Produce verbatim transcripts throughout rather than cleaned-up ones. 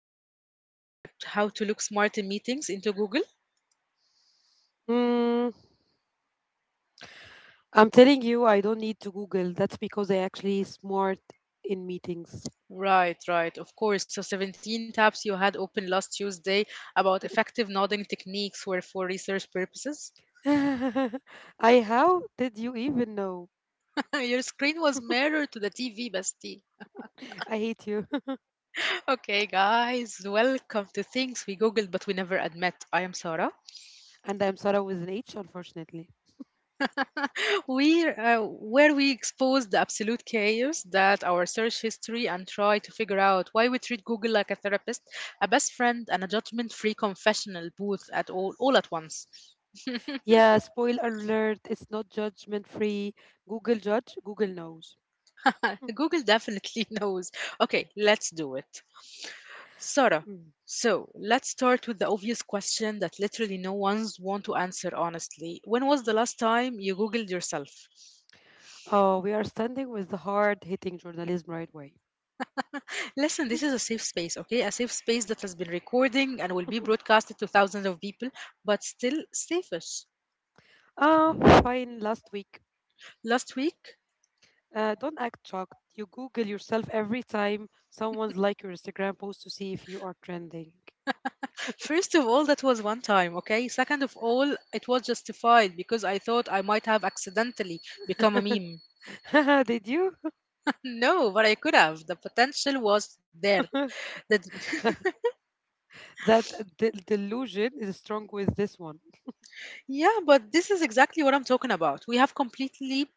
you've never typed how to look smart in meetings into Google? Mm, I'm telling you, I don't need to Google. That's because I actually smart in meetings. Right, right, of course. So seventeen tabs you had open last Tuesday about effective nodding techniques were for research purposes. I how did you even know? Your screen was mirrored to the T V, bestie. I hate you. Okay, guys, welcome to Things We Googled But We Never Admit. I am Sarah. And I'm Sarah with an H, unfortunately. we uh, Where we expose the absolute chaos that our search history and try to figure out why we treat Google like a therapist, a best friend, and a judgment-free confessional booth at all all at once. Yeah, spoiler alert, it's not judgment free. Google judge, Google knows. Mm. Google definitely knows. Okay, let's do it, Sarah. Mm. So let's start with the obvious question that literally no one's want to answer honestly. When was the last time you googled yourself? Oh, we are standing with the hard hitting journalism right away. Listen, this is a safe space, okay? A safe space that has been recording and will be broadcasted to thousands of people, but still safest. Ah, fine, last week. Last week, Uh, don't act shocked. You Google yourself every time someone's like your Instagram post to see if you are trending. first of all, that was one time, okay? Second of all, it was justified because I thought I might have accidentally become a meme. Did you? No, but I could have. The potential was there. The That de- delusion is strong with this one. Yeah, but this is exactly what I'm talking about. We have completely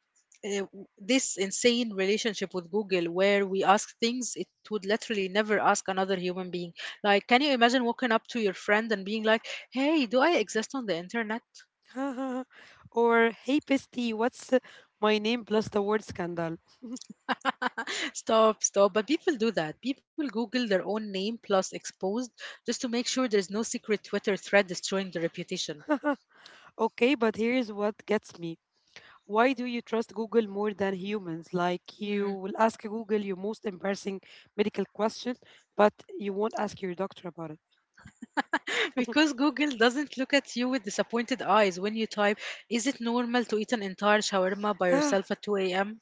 uh, w- this insane relationship with Google where we ask things it would literally never ask another human being. Like, can you imagine walking up to your friend and being like, hey, do I exist on the internet? Or, hey, Pisty, what's uh, my name plus the word scandal? Stop, stop. But people do that. People Google their own name plus exposed just to make sure there is no secret Twitter thread destroying their reputation. Okay, but here's what gets me. Why do you trust Google more than humans? Like, you Hmm. will ask Google your most embarrassing medical question, but you won't ask your doctor about it. Because Google doesn't look at you with disappointed eyes when you type, is it normal to eat an entire shawarma by Ah, yourself at two a m?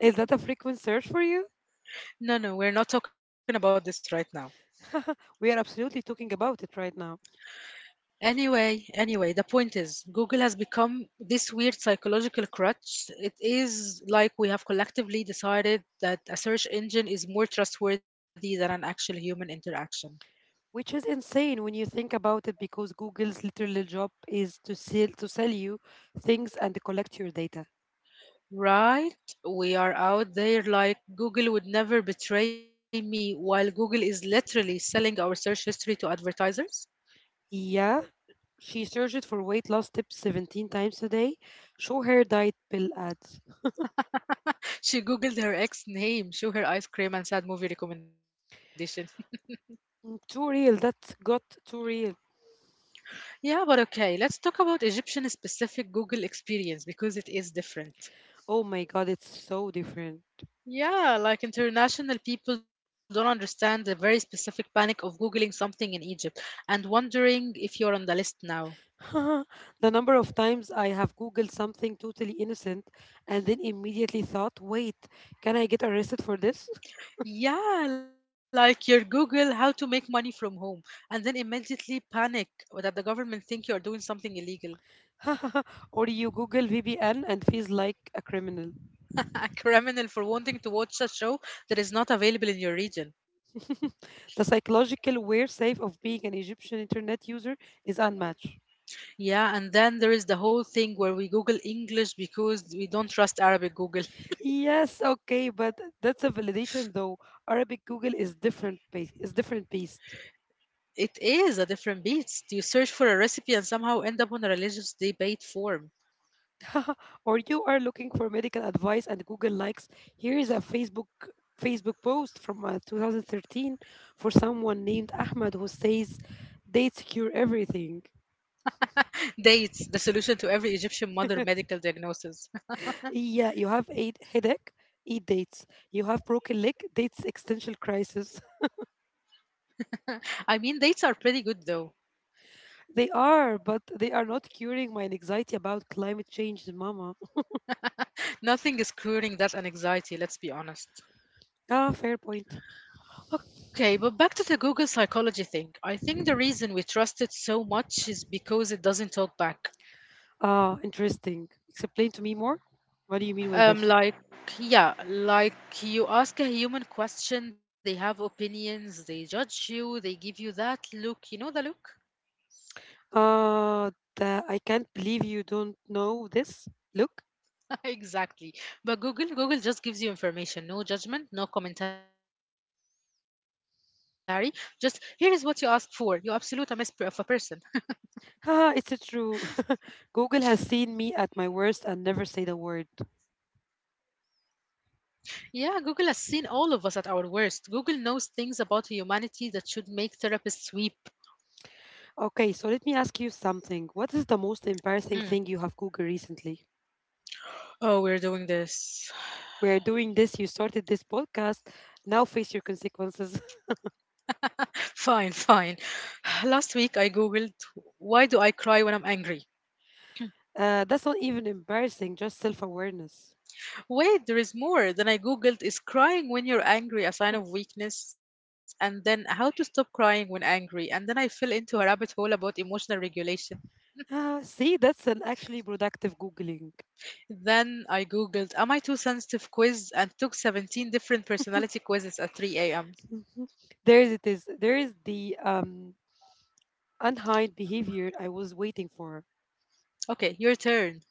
is that a frequent search for you? No, no, we're not talking about this right now. We are absolutely talking about it right now. Anyway, anyway, the point is, Google has become this weird psychological crutch. It is like we have collectively decided that a search engine is more trustworthy than an actual human interaction. Which is insane when you think about it because Google's literal job is to sell to sell you things and collect your data. Right? We are out there like Google would never betray me, while Google is literally selling our search history to advertisers. Yeah, she searched for weight loss tips seventeen times a day. Show her diet pill ads. She googled her ex name, show her ice cream, and sad movie recommendation. Too real. That's got too real. Yeah, but okay, let's talk about Egyptian specific Google experience because it is different. Oh my god, it's so different. Yeah, like international people don't understand the very specific panic of Googling something in Egypt and wondering if you're on the list now. The number of times I have Googled something totally innocent and then immediately thought, wait, can I get arrested for this? Yeah, like your Google how to make money from home and then immediately panic that the government think you're doing something illegal. Or you Google V P N and feels like a criminal. A criminal for wanting to watch a show that is not available in your region. The psychological wear safe of being an Egyptian internet user is unmatched. Yeah, and then there is the whole thing where we Google English because we don't trust Arabic Google. Yes, okay, but that's a validation though. Arabic Google is different pace, is different beast. It is a different beast. You search for a recipe and somehow end up on a religious debate forum. Or you are looking for medical advice and Google likes. Here is a Facebook Facebook post from uh, twenty thirteen for someone named Ahmad who says dates cure everything. Dates, the solution to every Egyptian mother medical diagnosis. Yeah, you have a headache, eat dates. You have broken leg, dates existential crisis. I mean, dates are pretty good though. They are, but they are not curing my anxiety about climate change, mama. Nothing is curing that anxiety, let's be honest. Ah, fair point. Okay, but back to the Google psychology thing. I think the reason we trust it so much is because it doesn't talk back. Ah, interesting. Explain to me more. What do you mean with Um, this? Like, yeah, like you ask a human question, they have opinions, they judge you, they give you that look. You know the look? Uh, the, I can't believe you don't know this. Look, Exactly. But Google, Google just gives you information, no judgment, no commentary. Just here is what you asked for. You absolute a mess p- of a person. haha, it's a true. Google has seen me at my worst and never said a word. Yeah, Google has seen all of us at our worst. Google knows things about humanity that should make therapists weep. Okay, so let me ask you something. What is the most Mm. embarrassing thing you have Googled recently? Oh, we're doing this. We are doing this. You started this podcast. Now face your consequences. Fine, fine. Last week I googled, why do I cry when I'm angry? Uh, that's not even embarrassing, just self awareness. Wait, there is more. Then I googled, is crying when you're angry a sign of weakness? And then, how to stop crying when angry? And then I fell into a rabbit hole about emotional regulation. Ah, see, that's an actually productive Googling. Then I googled am I too sensitive quiz and took seventeen different personality quizzes at three a m. Mhm. There is it is. There is the um unhide behavior I was waiting for. Okay, your turn.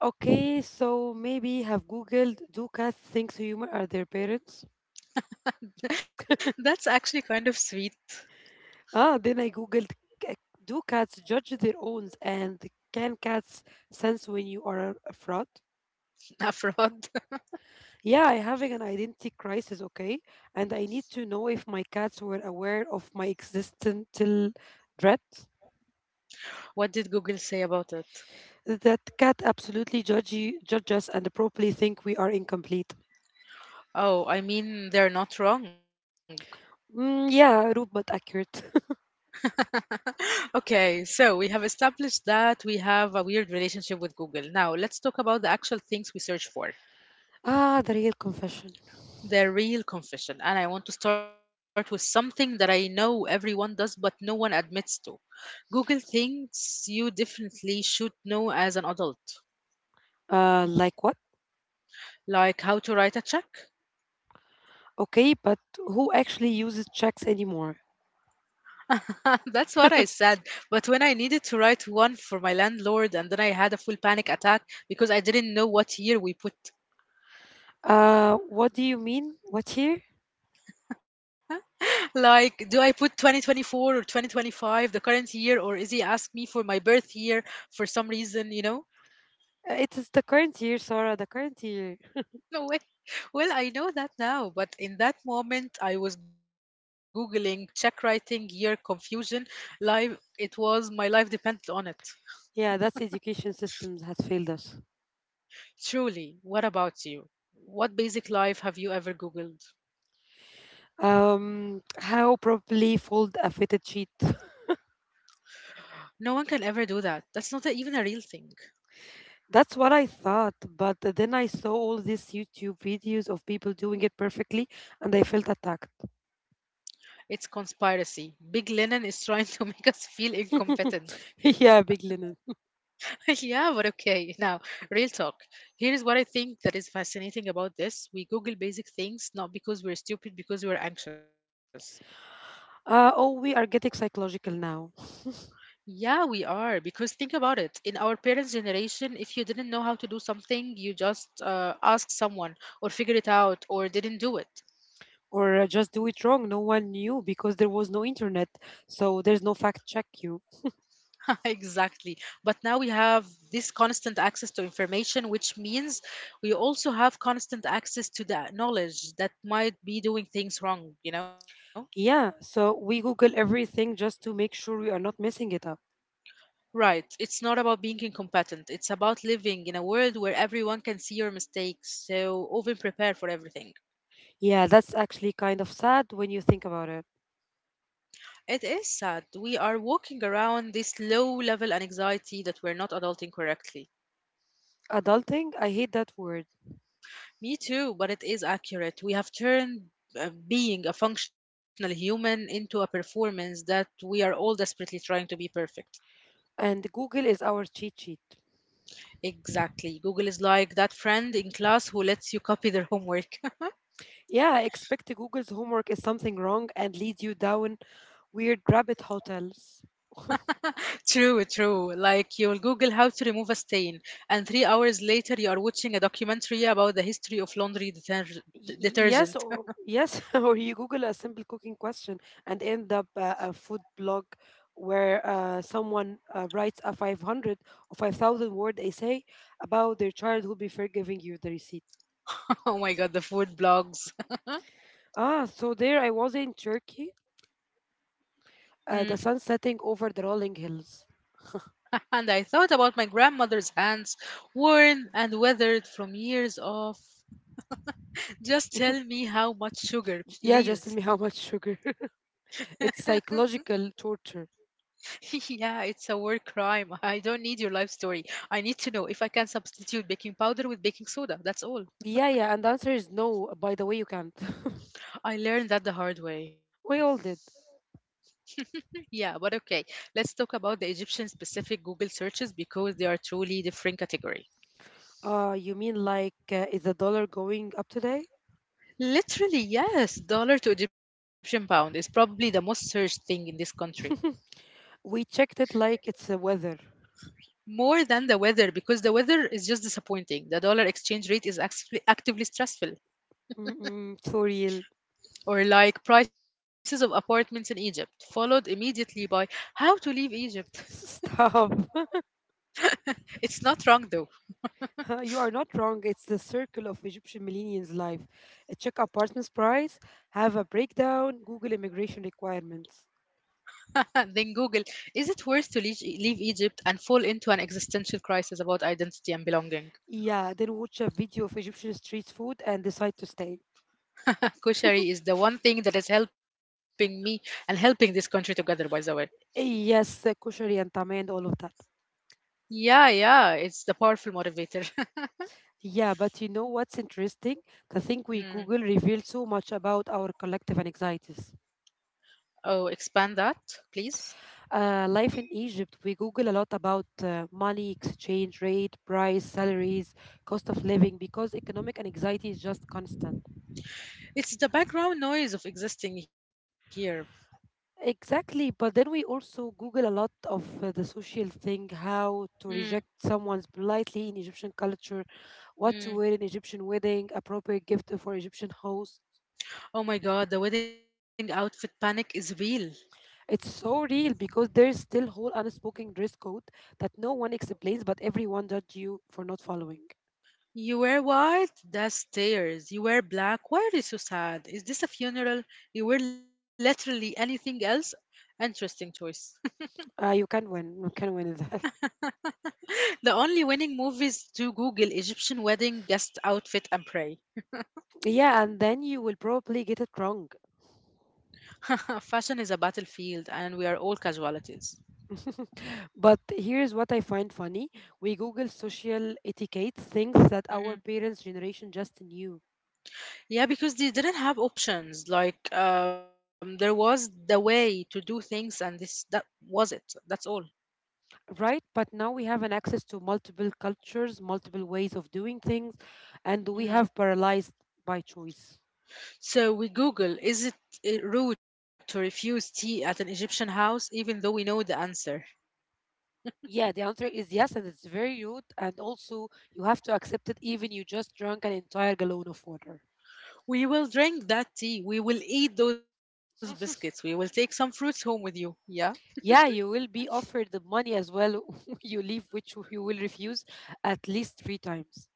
Okay, so maybe have Googled do cats think humans are their parents? That's actually kind of sweet. Ah, then I Googled "C- do cats judge their owns and can cats sense when you are a fraud? Afrod. Yeah, I'm having an identity crisis, okay? And I need to know if my cats were aware of my existential threat. What did Google say about it? That cat absolutely judge, you- judge us and probably think we are incomplete. Oh, I mean, they're not wrong. Mm, yeah, rude but accurate. Okay, so we have established that we have a weird relationship with Google. Now, let's talk about the actual things we search for. Ah, the real confession. The real confession. And I want to start with something that I know everyone does, but no one admits to. Google thinks you definitely should know as an adult, Uh, like what? like how to write a check. Okay, but who actually uses checks anymore? That's what I said. But when I needed to write one for my landlord, and then I had a full panic attack because I didn't know what year we put. Uh, what do you mean? What year? Like, do I put twenty twenty-four or twenty twenty-five, the current year, or is he ask me for my birth year for some reason, you know? Uh, It is the current year, Sarah, the current year. No way. Well, I know that now, but in that moment, I was Googling check writing year confusion live. It was my life depended on it. Yeah, that's education systems has failed us. Truly, what about you? What basic life have you ever Googled? Um, how probably fold a fitted sheet. No one can ever do that. That's not a- even a real thing. That's what I thought, but then I saw all these YouTube videos of people doing it perfectly, and I felt attacked. It's conspiracy. Big Lennon is trying to make us feel incompetent. Yeah, big linen. Yeah, but okay. Now, real talk. Here is what I think that is fascinating about this. We Google basic things not because we're stupid, because we're anxious. Uh, oh, we are getting psychological now, Yeah, we are. Because think about it. In our parents' generation, if you didn't know how to do something, you just uh, ask someone or figure it out or didn't do it. or uh, just do it wrong. No one knew because there was no internet, so there's no fact check you. Exactly. But now we have this constant access to information, which means we also have constant access to that knowledge that might be doing things wrong, you know? Yeah, so we Google everything just to make sure we are not messing it up. Right. It's not about being incompetent. It's about living in a world where everyone can see your mistakes, so often prepare for everything. Yeah, that's actually kind of sad when you think about it. It is sad. We are walking around this low level anxiety that we're not adulting correctly. Adulting, I hate that word Me too, but it is accurate. We have turned uh, being a functional human into a performance that we are all desperately trying to be perfect. and Google is our cheat sheet. Exactly. Google is like that friend in class who lets you copy their homework. Yeah, expect Google's homework is something wrong and lead you down weird rabbit hotels. True, true. Like you'll Google how to remove a stain, and three hours later you are watching a documentary about the history of laundry deterg- Y- y- yes, detergent. or yes, or you Google a simple cooking question and end up uh, a food blog where uh, someone uh, writes a five hundred or five thousand word essay about their childhood before giving you the receipt. Oh my god, the food blogs. Ah, so there I was in Turkey, Mm. uh, the sun setting over the rolling hills. And I thought about my grandmother's hands, worn and weathered from years off. Just tell me how much sugar, Yeah, just please. tell me how much sugar. It's psychological torture. Yeah, it's a war crime. I don't need your life story. I need to know if I can substitute baking powder with baking soda. That's all. Yeah, yeah, and the answer is no. By the way, you can't. I learned that the hard way. We all did. Yeah, but okay, let's talk about the Egyptian specific Google searches because they are truly different category. Uh, you mean like uh, is the dollar going up today? Literally, yes, dollar to Egyptian pound is probably the most searched thing in this country. We checked it like it's the weather. More than the weather, because the weather is just disappointing. The dollar exchange rate is actually actively stressful. Mm-mm, for real. Or like prices of apartments in Egypt, followed immediately by how to leave Egypt. Stop. It's not wrong though. You are not wrong. It's the circle of Egyptian millennials' life. Uh, Check apartments price, have a breakdown, Google immigration requirements. Then Google, is it worth to leave leave Egypt and fall into an existential crisis about identity and belonging? Yeah, then watch a video of Egyptian street food and decide to stay. Kushari is the one thing that is helping me and helping this country together, by the way. Yes, uh, kosher yantama and all of that. Yeah, yeah, it's the powerful motivator. Yeah, but you know what's interesting? The thing we Google Mm. reveals so much about our collective anxieties. Oh, expand that, please. Uh, life in Egypt, we Google a lot about uh, money, exchange rate, price, salaries, cost of living, because economic anxiety is just constant. It's the background noise of existing here. Exactly, but then we also Google a lot of uh, the social thing, how to Mm. reject someone's politely in Egyptian culture, what to Mm. wear in Egyptian wedding, appropriate gift for Egyptian host. Oh my god, the wedding outfit panic is real. It's so real because there's still whole unspoken dress code that no one explains, but everyone judge you for not following. You wear white? That's tears. You wear black? Why are you so sad? Is this a funeral? You wear literally anything else? Interesting choice. Uh, you can win. You can win that. The only winning movies to Google Egyptian wedding guest outfit and pray. Yeah, and then you will probably get it wrong. Fashion is a battlefield, and we are all casualties. But here's what I find funny. We Google social etiquette, things that our Mhm. parents' generation just knew, Yeah, because they didn't have options. Like um, there was the way to do things, and this that was it. That's all. right? But now we have an access to multiple cultures, multiple ways of doing things, and we have Mm. paralyzed by choice. So we Google, is it uh, rude to refuse tea at an Egyptian house, even though we know the answer? Yeah, the answer is yes, and it's very rude. And also, you have to accept it, even you just drank an entire gallon of water. We will drink that tea. We will eat those biscuits. We will take some fruits home with you. Yeah. Yeah, you will be offered the money as well. You leave, which you will refuse at least three times.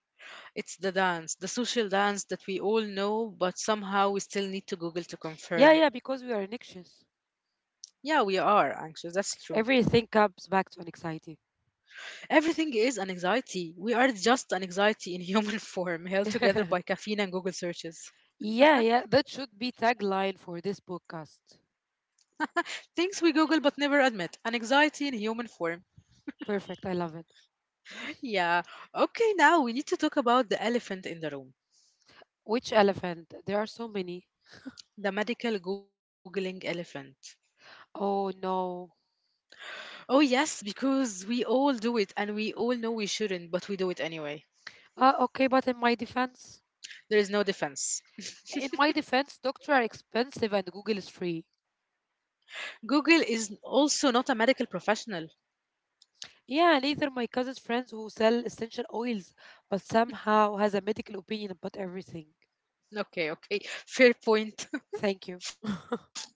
It's the dance, the social dance that we all know, but somehow we still need to Google to Yeah, confirm. yeah, because we are anxious. Yeah, we are anxious. That's true. Everything comes back to an anxiety. Everything is an anxiety. We are just an anxiety in human form, held together Yeah, by caffeine and Google searches. yeah, that should be tagline for this podcast. Things we Google but never admit. An anxiety in human form. Perfect, I love it. Yeah. Okay, now we need to talk about the elephant in the room. Which elephant? There are so many. The medical Googling elephant. Oh no. Oh, yes, because we all do it and we all know we shouldn't, but we do it anyway. Uh, okay, but in my defense. There is no defense. In my defense, doctors are expensive and Google is free. Google is also not a medical professional. Yeah, neither my cousin's friends who sell essential oils, but somehow has a medical opinion about everything. Okay, okay. Fair point. Thank you.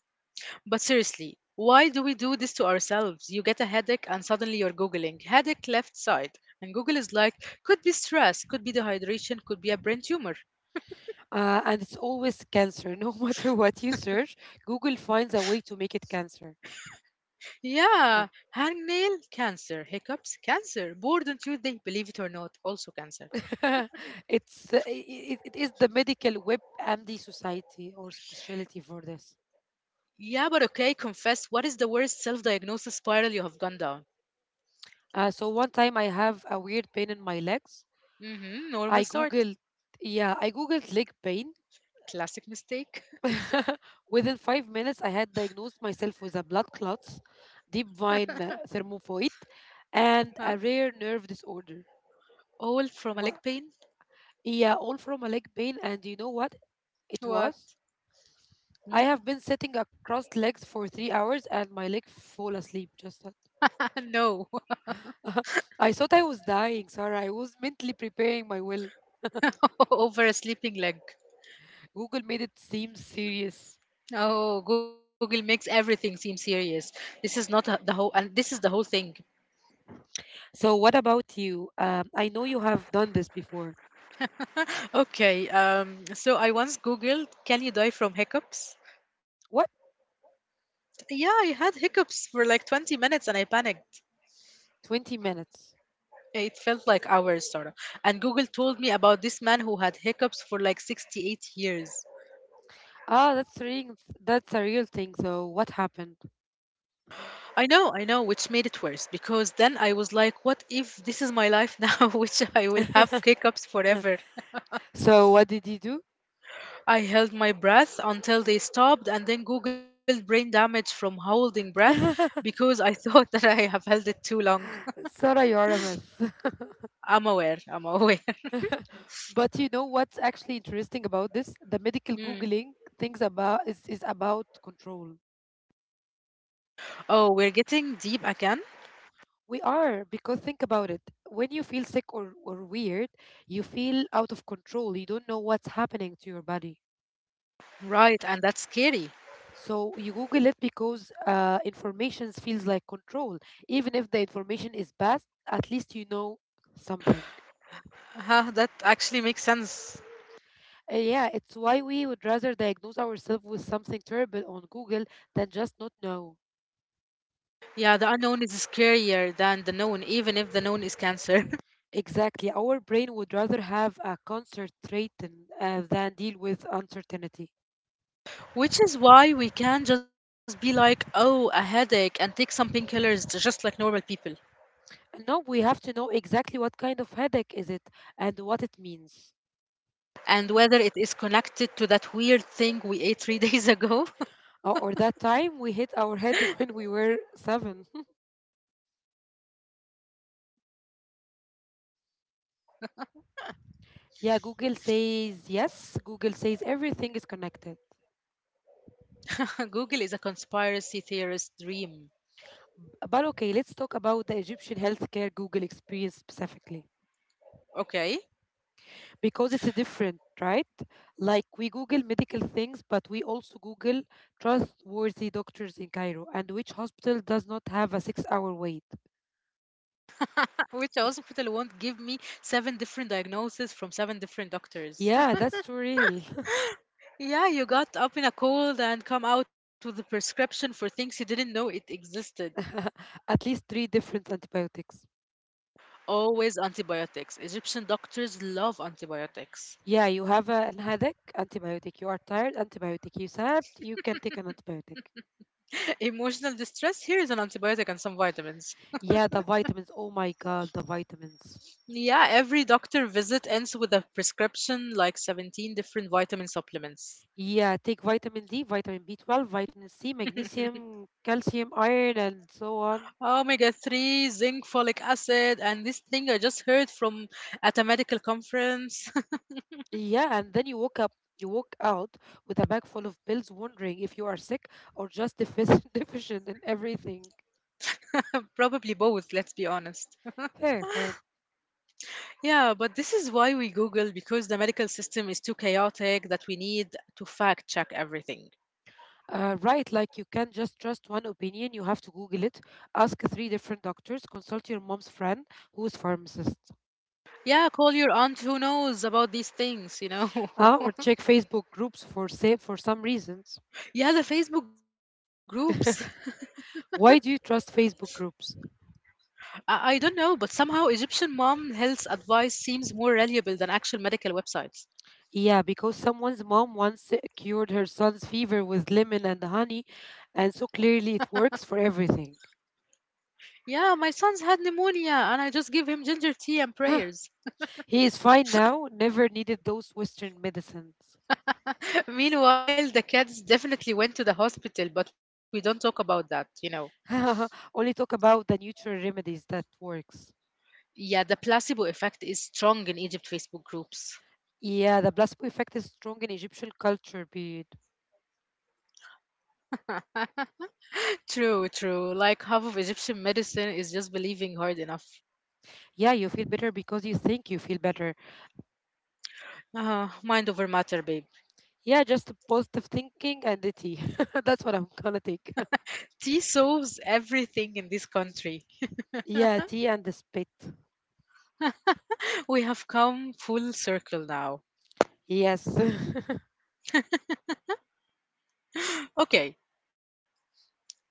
But seriously, why do we do this to ourselves? You get a headache and suddenly you're Googling headache left side. And Google is like, could be stress, could be dehydration, could be a brain tumor. Uh, and it's always cancer. No matter what you search, Google finds a way to make it cancer. Yeah, hangnail cancer, hiccups cancer, bored on Tuesday, believe it or not, also Yeah. cancer. It's uh, it, it is the medical web M D society or specialty for this. Yeah, but okay, confess, what is the worst self diagnosis spiral you have gone down? Uh, so one time I have a weird pain in my legs. Mm hmm, normal I start. googled, yeah, I googled leg pain. Classic mistake. Within five minutes, I had diagnosed myself with a blood clots, deep vein uh, thermophoid, Huh? and a rare nerve disorder. All from a Wha leg pain? yeah, all from a leg pain. And you know what it What? was? I Hmm? have been sitting across legs for three hours and my leg fall asleep. Just that. No. I thought I was dying, Sarah. I was mentally preparing my will. Over a sleeping leg. Google made it seem serious. Oh, Google makes everything seem serious. This is not a- the whole, and this is the whole thing. So, what about you? Um, I know you have done this before. Okay, um, so I once Googled, can you die from hiccups? What? Yeah, I had hiccups for like twenty minutes and I panicked. twenty minutes. It felt like hours, sort of. And Google told me about this man who had hiccups for like sixty-eight years. Oh, that's a real, that's a real thing. So what happened? I know, I know, which made it worse because then I was like, what if this is my life now, which I will have hiccups forever? So what did you do? I held my breath until they stopped and then googled brain damage from holding breath because I thought that I have held it too long. Sarah, you are a mess. I'm aware, I'm aware. But you know what's actually interesting about this? The medical Mm. Googling things about is, is about control. Oh, we're getting deep again? We are, because think about it. When you feel sick or, or weird, you feel out of control. You don't know what's happening to your body. Right, and that's scary. So you Google it because uh, information feels like control. Even if the information is bad, at least you know something. Huh, that actually makes sense. Uh, Yeah, it's why we would rather diagnose ourselves with something terrible on Google than just not know. Yeah, the unknown is scarier than the known, even if the known is cancer. Exactly. Our brain would rather have a concert threatened uh, than deal with uncertainty. Which is why we can't just be like, oh, a headache and take some painkillers j- just like normal people. No, we have to know exactly what kind of headache is it and what it means. And whether it is connected to that weird thing we ate three days ago. Or or that time we hit our head when we were seven. Yeah, could this be delayed concussion from the childhood? Yeah, Google says yes. Google says everything is connected. Google is a conspiracy theorist dream. B- But okay, let's talk about the Egyptian healthcare Google experience specifically. Okay. Because it's different, right? Like we Google medical things, but we also Google trustworthy doctors in Cairo and which hospital does not have a six hour wait. Which hospital won't give me seven different diagnoses from seven different doctors? Yeah, that's too real. Yeah, you got up in a cold and come out with a prescription for things you didn't know it existed. At least three different antibiotics. Always antibiotics. Egyptian doctors love antibiotics. Yeah, you have a, an headache, antibiotic. You are tired, antibiotic. You sad, you can take an antibiotic. Emotional distress, here is an antibiotic and some vitamins. Yeah, the vitamins. Oh my God, the vitamins. Yeah, every doctor visit ends with a prescription like seventeen different vitamin supplements. Yeah, take vitamin D, vitamin B twelve, vitamin C, magnesium, calcium, iron, and so on. Omega three, zinc, folic acid, and this thing I just heard from at a medical conference. Yeah, and then you woke up, you walk out with a bag full of bills, wondering if you are sick or just deficient, deficient in everything. Probably both, let's be honest. Fair, fair. Yeah, but this is why we Google because the medical system is too chaotic that we need to fact check everything. Uh, right, like you can't just trust one opinion. You have to Google it, ask three different doctors, consult your mom's friend who is pharmacist, Yeah, call your aunt who knows about these things, you know. uh, or check Facebook groups for say for some reasons. Yeah, the Facebook groups. Why do you trust Facebook groups? I, I don't know, but somehow Egyptian mom health advice seems more reliable than actual medical websites. Yeah, because someone's mom once cured her son's fever with lemon and honey, and so clearly it works for everything. Yeah, my son's had pneumonia and I just give him ginger tea and prayers. He is fine now, never needed those Western medicines. Meanwhile, the cats definitely went to the hospital, but we don't talk about that, you know. Only talk about the natural remedies that works. Yeah, the placebo effect is strong in Egypt Facebook groups. Yeah, the placebo effect is strong in Egyptian culture, but True, true. Like half of Egyptian medicine is just believing hard enough. yeah, you feel better because you think you feel better. Ah, mind over matter, babe. Yeah, just positive thinking and the tea. That's what I'm gonna take. Tea solves everything in this country. Yeah, tea and the spit. We have come full circle now. Yes. Okay,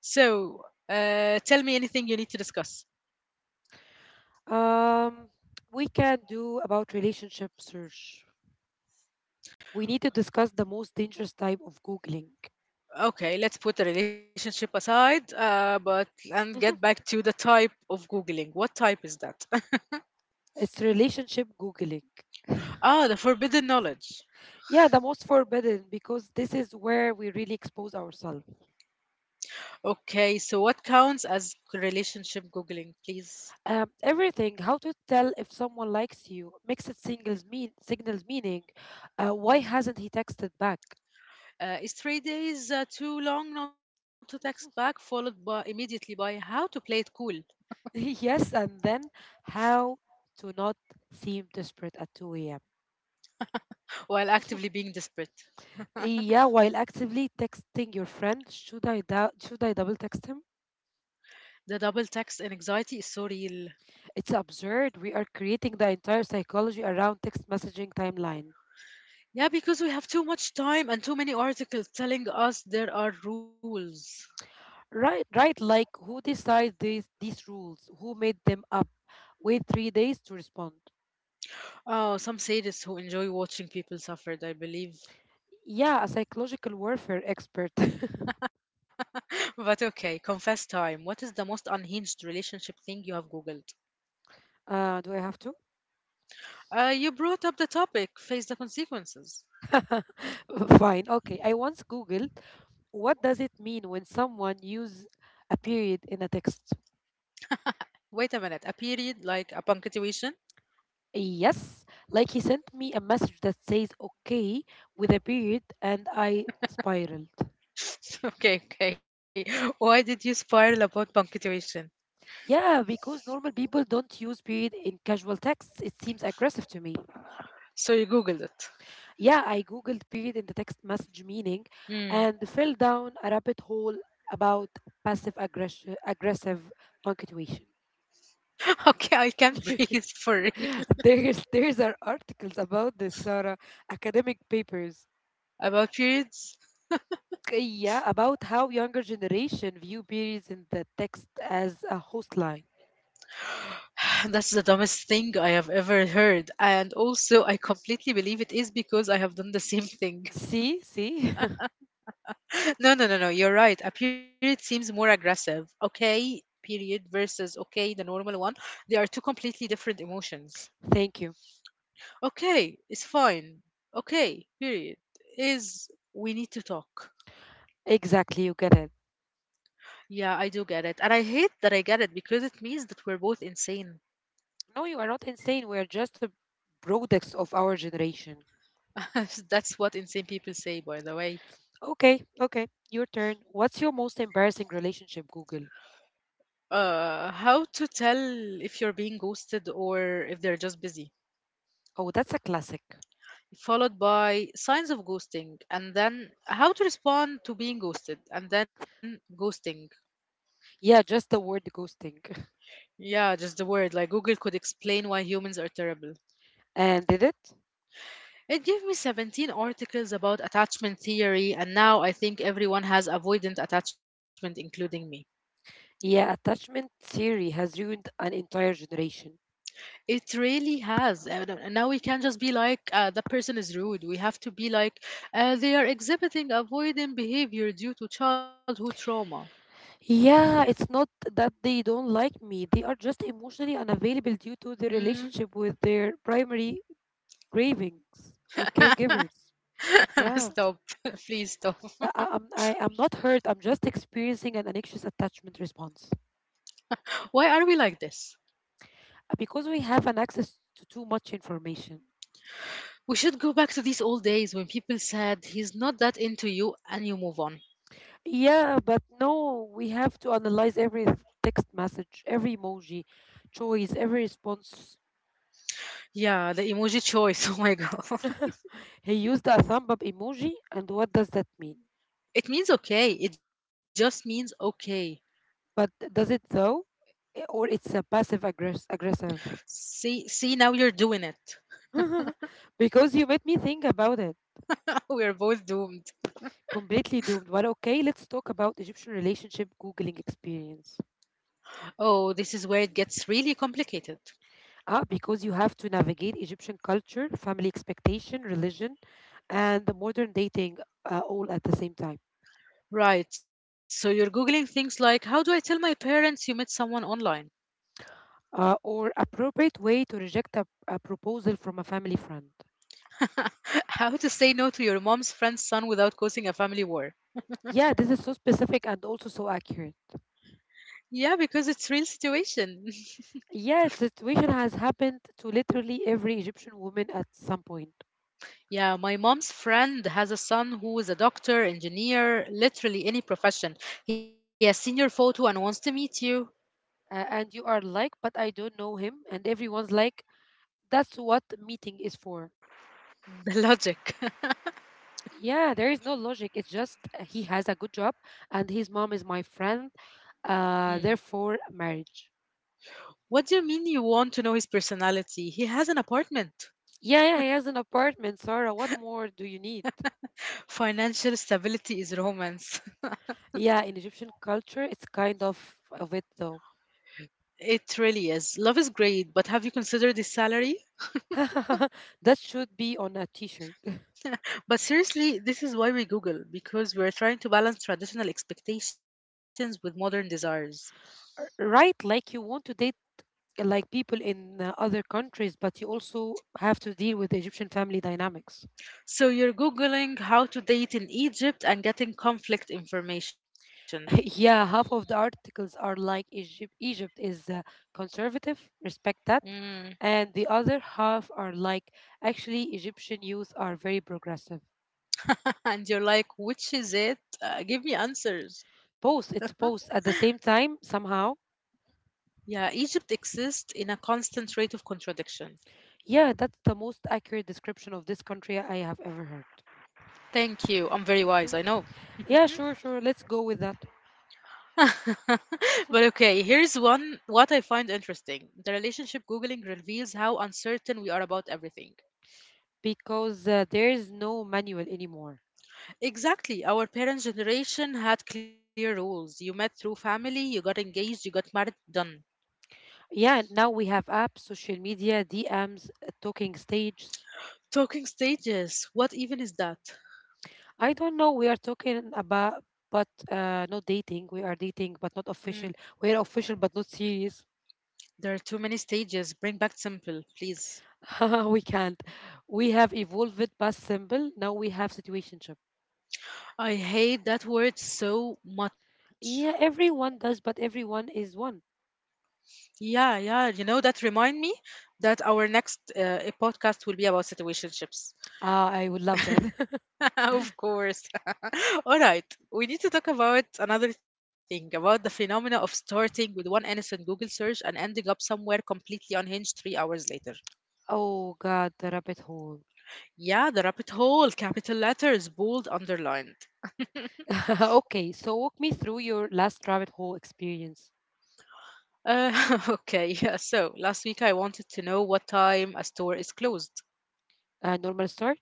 so uh, tell me anything you need to discuss. um, we can do about relationship search. We need to discuss the most dangerous type of Googling. Okay, let's put the relationship aside, uh, but and get back to the type of Googling. What type is that? It's relationship Googling. Ah, the forbidden knowledge. Yeah, the most forbidden because this is where we really expose ourselves. Okay, so what counts as relationship Googling, please? Um, everything, how to tell if someone likes you, mixed it singles mean signals meaning. Uh, why Mm. hasn't he texted back? Uh, is three days uh, too long not to text back, followed by immediately by how to play it cool Yes, and then how to not seem desperate at two a m. while actively being desperate? Yeah, while actively texting your friend, should I dou- should I double text him? The double text and anxiety is so real. It's absurd. We are creating the entire psychology around text messaging timeline. Yeah, because we have too much time and too many articles telling us there are rules. Right, right. Like who decides these these rules? Who made them up? Wait three days to respond. Oh, some sadists who enjoy watching people suffered, I believe. Yeah, a psychological warfare expert. But okay, confess time. What is the most unhinged relationship thing you have Googled? Uh, do I have to? Uh, you brought up the topic, face the consequences. Fine. Okay. I once googled what does it mean when someone use a period in a text. Wait a minute, a period like a punctuation? Yes, like he sent me a message that says okay with a period, and I spiraled. Okay, okay. Why did you spiral about punctuation? Yeah, because normal people don't use period in casual texts. It seems aggressive to me. So you Googled it. Yeah, I googled period in the text message meaning and Hmm. fell down a rabbit hole about passive aggression aggressive punctuation. Okay, I can't breathe for real. there's there's are articles about this, Sarah, academic papers. About periods? Okay, yeah, about how younger generation view periods in the text as a host line. That's the dumbest thing I have ever heard. And also, I completely believe it is because I have done the same thing. See, see? No, no, no, no. You're right. A period seems more aggressive. Okay, period versus okay, the normal one. They are two completely different emotions. Thank you. Okay, it's Mhm. fine. Okay, period is we need to talk. Exactly, you get it. Yeah, I do get it. And I hate that I get it because it means that we're both insane. No, you are not insane. We are just the products of our generation. That's what insane people say, by the way. Okay, okay, your turn. What's your most embarrassing relationship, Google? Uh, how to tell if you're being ghosted or if they're just busy, Oh, that's a classic. followed by signs of ghosting, and then how to respond to being ghosted, and then ghosting. Yeah, just the word ghosting. Yeah, just the word. Like Google could explain why humans are terrible. And did it? It gave me seventeen articles about attachment theory, and now I think everyone has avoidant attachment, including me. Yeah, attachment theory has ruined an entire generation. It really has. Uh, no- Now we can't just be like, uh, that person is rude. We have to be like, uh, they are exhibiting avoidant behavior due to childhood trauma. Yeah, it's not that they don't like me, they are just emotionally unavailable due to their Hmm. relationship with their primary cravings or caregivers. Yeah. Stop. Please stop. I, I- I'm, I, I'm not hurt. I'm just experiencing an anxious attachment response. Why are we like this? Uh, because we have an access to too much information. We should go back to these old days when people said, he's not that into you, and you move on. Yeah, but no, we have to analyze every text message, every emoji, choice, every response. Yeah, the emoji choice. Oh my God. He used a thumb up emoji, and what does that mean? It means okay. It just means okay. But does it though? I- Or it's a passive aggress- aggressive? See, see, now you're doing it. Because you made me think about it. We're both doomed. Completely doomed. But okay, let's talk about Egyptian relationship Googling experience. Oh, this is where it gets really complicated. Ah, because you have to navigate Egyptian culture, family expectation, religion, and the modern dating uh, all at the same time. Right, so you're Googling things like how do I tell my parents you met someone online? Uh, or appropriate way to reject a, a proposal from a family friend. How to say no to your mom's friend's son without causing a family war? Yeah, this is so specific and also so accurate. Yeah, because it's real situation. Yeah, the situation has happened to literally every Egyptian woman at some point. Yeah, my mom's friend has a son who is a doctor, engineer, literally any profession. He has seen your photo and wants to meet you. Uh, and you are like, but I don't know him. And everyone's like, that's what meeting is for. The logic. Yeah, there is no logic. It's just uh, he has a good job and his mom is my friend. Hmm. Uh, therefore, marriage. What do you mean you want to know his personality? He has an apartment. Yeah, yeah, he has an apartment, Sarah. What more do you need? Financial stability is romance. Yeah, in Egyptian culture, it's kind of of it though. It really is. Love is great, but have you considered the salary? That should be on a t-shirt. But seriously, this is why we Google, because we're trying to balance traditional expectations with modern desires. Right, like you want to date uh, like people in uh, other countries, but you also have to deal with the Egyptian family dynamics. So you're Googling how to date in Egypt and getting conflict information. Yeah, half of the articles are like Egypt Egypt is uh, conservative, respect that. Mm. And the other half are like actually Egyptian youth are very progressive. And you're like, which is it? Uh, give me answers. Both, it's both at the same time somehow. Yeah, Egypt exists in a constant rate of contradiction. Yeah, that's the most accurate description of this country I have ever heard. Thank you. I'm very wise, I Mm. know. Yeah, sure, sure. Let's go with that. But okay, here's one what I find interesting. The relationship Googling reveals how uncertain we are about everything. because uh, there is no manual anymore. Exactly. Our parents' generation had clear rules. You met through family, you got engaged, you got married, done. Yeah, now we have apps, social media, D Ms, uh, talking stages. Talking stages. What even is that? I don't know. We are talking about, but uh, not dating. We are dating, but Mm, not official. We are official, but not serious. there are too many stages. Bring back simple, please. We can't. We have evolved it past simple. Now we have situationship. I hate that word so much. Yeah, everyone does, but everyone is one. Yeah, yeah. You know, that remind me that our next uh, podcast will be about situationships. Ah, I would love that. Of course. All right. We need to talk about another thing about the phenomena of starting with one innocent Google search and ending up somewhere completely unhinged three hours later. Oh God, the rabbit hole. Yeah, the rabbit hole, capital letters, bold, underlined. Okay, so walk me through your last rabbit hole experience. Uh, okay, yeah, so last week I wanted to know what time a store is closed. A normal start,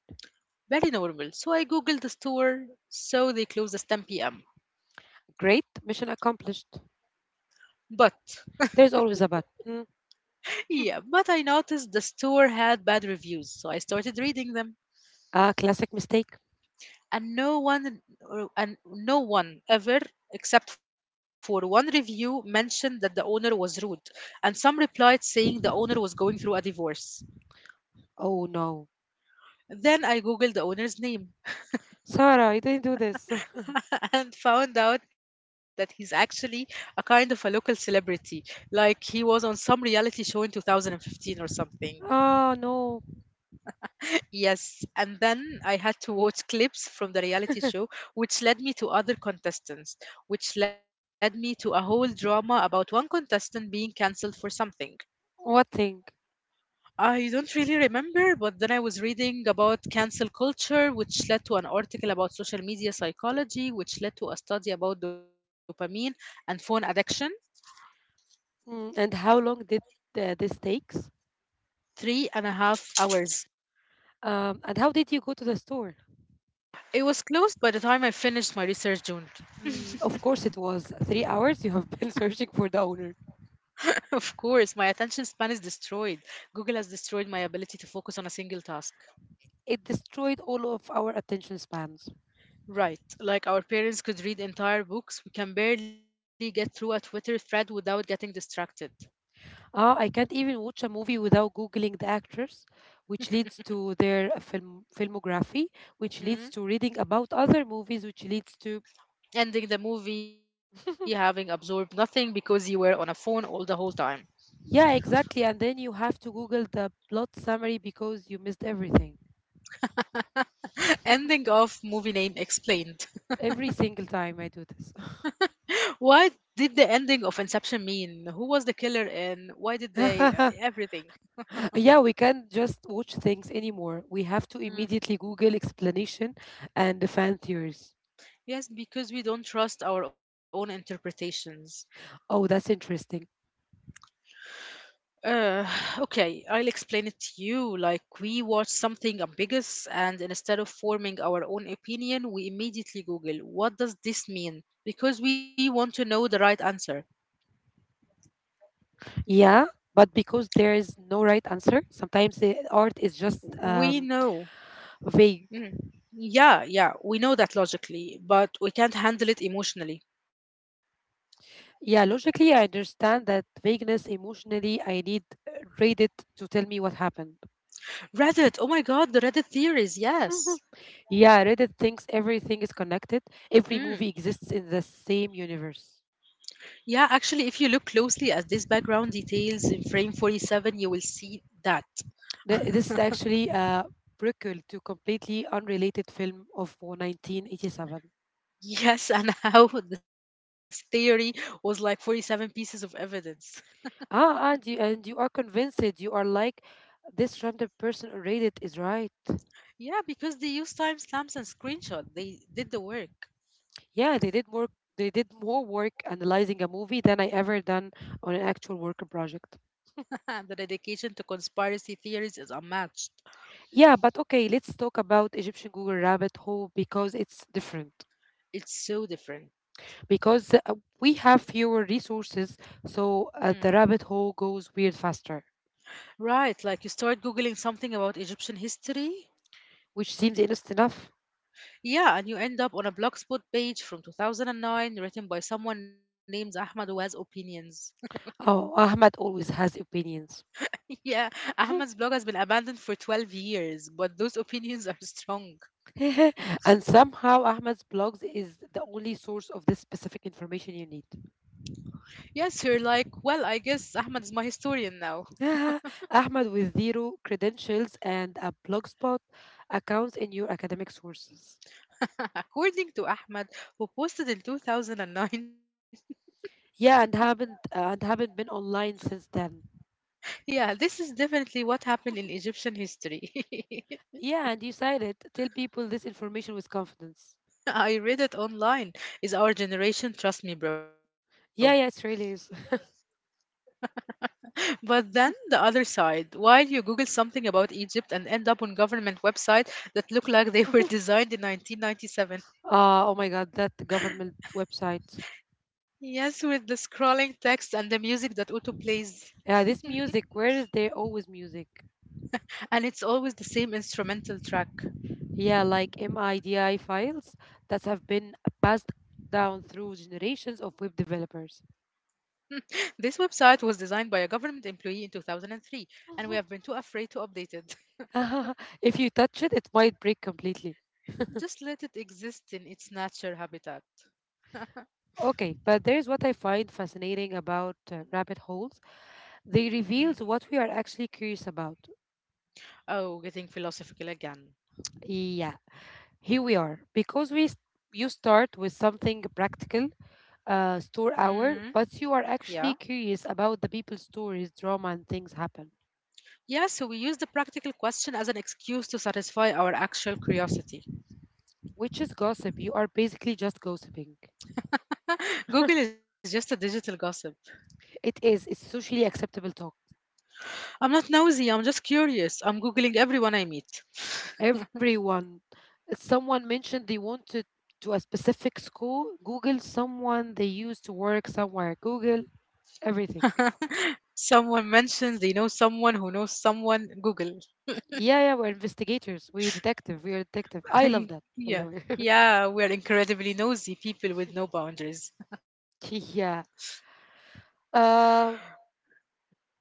Very normal. So I googled the store, so they close at ten p m. great, mission accomplished. But There's always a but. Hmm. yeah, but I noticed the store had bad reviews, so I started reading them. A classic mistake. and no one or- and no one ever except for one review mentioned that the owner was rude and some replied saying the owner was going through a divorce Oh no, then I googled the owner's name. Sarah, you didn't do this. And found out that he's actually a kind of a local celebrity like he was on some reality show in two thousand fifteen or something. Oh no, Yes, and then I had to watch clips from the reality show, which led me to other contestants, which led me to a whole drama about one contestant being cancelled for something. what thing? I don't really remember, but then I was reading about cancel culture, which led to an article about social media psychology, which led to a study about dopamine and phone addiction. Mm, and how long did uh, this takes? Three and a half hours. Um, and how did you go to the store? It was closed by the time I finished my research, June. Mm, of course, it was three hours. You have been searching for the owner. Of course, my attention span is destroyed. Google has destroyed my ability to focus on a single task. It destroyed all of our attention spans. Right, like our parents could read entire books, we can barely get through a Twitter thread without getting distracted. Ah, I can't even watch a movie without googling the actors, which leads to their uh, film filmography, which leads to Mm? reading about other movies, which leads to Ending the movie having absorbed nothing because you were on a phone all the whole time. yeah, exactly. And then you have to Google the plot summary because you missed everything. Ending of movie name explained. Every single time I do this. What did the ending of Inception mean? Who was the killer and why did they uh, everything? Yeah, we can't just watch things anymore. We have to Mm. immediately Google explanation and the fan theories. Yes, because we don't trust our own interpretations. Oh, that's interesting. Uh, okay, I'll explain it to you. Like, we watch something ambiguous, and instead of forming our own opinion, we immediately Google, what does this mean? Because we want to know the right answer. Yeah, but because there is no right answer, sometimes the art is just We um, know. vague. Mm. Yeah, yeah, we know that logically, but we can't handle it emotionally. Yeah, logically, I understand that vagueness. Emotionally, I need uh, Reddit to tell me what happened. Reddit, oh my god, the Reddit theories, yes. Yeah, Reddit thinks everything is connected, Mm. every movie exists in the same universe. Yeah, actually, if you look closely at this background details in frame forty-seven, you will see that Th- This is actually a prequel to completely unrelated film of nineteen eighty-seven. yes, and how this theory was like forty-seven pieces of evidence. Ah, and you, and you are convinced, you are like, this random person on Reddit is right. Yeah, because they used timestamps and screenshots. They did the work. Yeah, they did work. They did more work analyzing a movie than I ever done on an actual work project. The dedication to conspiracy theories is unmatched. Yeah, but okay, let's talk about Egyptian Google Rabbit Hole because it's different. It's so different. Because uh, we have fewer resources, so Hmm. uh, the rabbit hole goes weird faster, Right, like you start Googling something about Egyptian history. which seems innocent enough. Yeah, and you end up on a Blogspot page from two thousand nine written by someone named Ahmad who opinions. Oh, Ahmed always has opinions. Yeah, Ahmad's Mhm. blog has been abandoned for twelve years, but those opinions are strong. And somehow Ahmed's blogs is the only source of this specific information you need. Yes, you're like, well, I guess Ahmed is my historian now. Ahmed with zero credentials and a blogspot account in your academic sources. According to Ahmed, who posted in two thousand nine, Yeah, and haven't uh, and haven't been online since then. yeah, this is definitely what happened in Egyptian history. Yeah, and you cited tell people this information with confidence. I read it online. Is our generation, trust me, bro. Yeah, yeah, it really is. But then the other side, while you Google something about Egypt and end up on government website that look like they were designed in nineteen ninety-seven. Uh, oh my God, that government website. Yes, with the scrolling text and the music that auto plays. Yeah, this music. Where is there always music? And it's always the same instrumental track. Yeah, like MIDI files that have been passed down through generations of web developers. This website was designed by a government employee in two thousand three, and we have been too afraid to update it. If you touch it, it might break completely. Just let it exist in its natural habitat. Okay, but there's what I find fascinating about uh, rabbit holes. They Hmm. reveals what we are actually curious about. Oh, getting philosophical again. Yeah, here we are. Because we s- you start with something practical, uh, store Hmm. hour, but you are Yeah. actually curious about the people's stories, drama, and things happen. Yeah, so we use the practical question as an excuse to satisfy our actual curiosity. Which is gossip. You are basically just gossiping. Google is just a digital gossip. It is. It's socially acceptable talk. I'm not nosy, I'm just curious. I'm Googling everyone I meet. Everyone. Someone mentioned they wanted to a specific school. Google someone they used to work somewhere. Google everything. Someone mentions they know someone who knows someone, Google. Yeah, yeah, we're investigators. We're detective. We're detective. I love that, by Yeah, the way. yeah, we're incredibly nosy people with no boundaries. Yeah. Uh,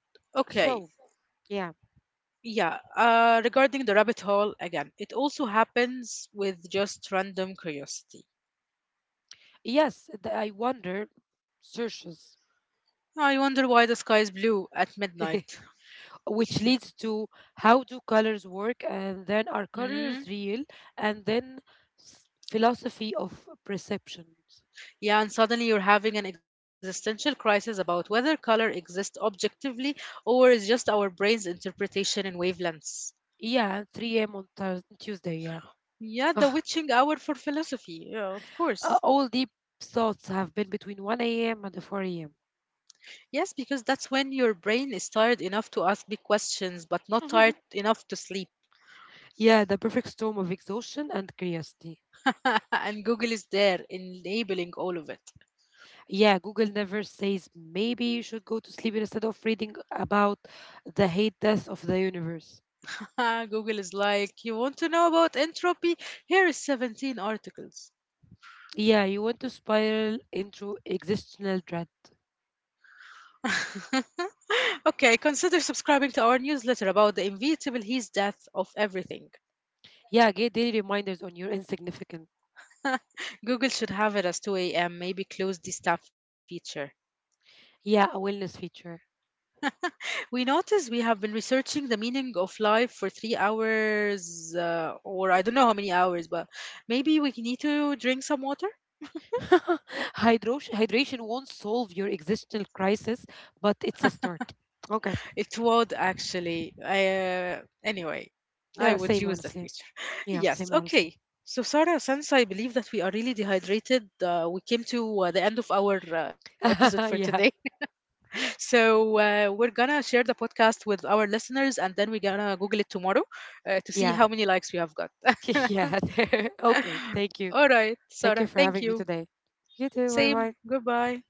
Okay, so, yeah. yeah, uh, regarding the rabbit hole, again, it also happens with just random curiosity. Yes, th- I wonder searches. I wonder why the sky is blue at midnight. Which leads to how do colors work, and then are Hmm? colors real, and then s- philosophy of perceptions. Yeah, and suddenly you're having an existential crisis about whether color exists objectively or is just our brain's interpretation in wavelengths. Yeah, three a m on Thurs Tuesday, yeah. Yeah, the Ugh, witching hour for philosophy. Yeah, of Uh, course. all deep thoughts have been between one a m and four a m Yes, because that's when your brain is tired enough to ask big questions, but not tired enough to sleep. Yeah, the perfect storm of exhaustion and curiosity. And Google is there, enabling all of it. Yeah, Google never says maybe you should go to sleep instead of reading about the hate death of the universe. Google is like, you want to know about entropy? Here is seventeen articles. Yeah, you want to spiral into existential dread. Okay, consider subscribing to our newsletter about the inevitable he's death of everything. Yeah, get daily reminders on your insignificant. Google should have it as two a m, maybe close the staff feature. Yeah, a wellness feature. We notice we have been researching the meaning of life for three hours, uh, or I don't know how many hours, but maybe we need to drink some water. Hydration hydration won't solve your existential crisis, but it's a start. Okay. It would actually. Uh, anyway, I Yeah, would same use that honestly. feature. Yeah, Yes, same honestly. okay. So, Sarah, since I believe that we are really dehydrated, uh, we came to uh, the end of our uh, episode for today. Yeah. So, uh, we're gonna share the podcast with our listeners and then we're gonna Google it tomorrow uh, to see Yeah. how many likes we have got. Yeah. Okay. Thank you. All right, Thank you Sarah. for Thank having me you. today. You too. Bye Same. bye. Goodbye.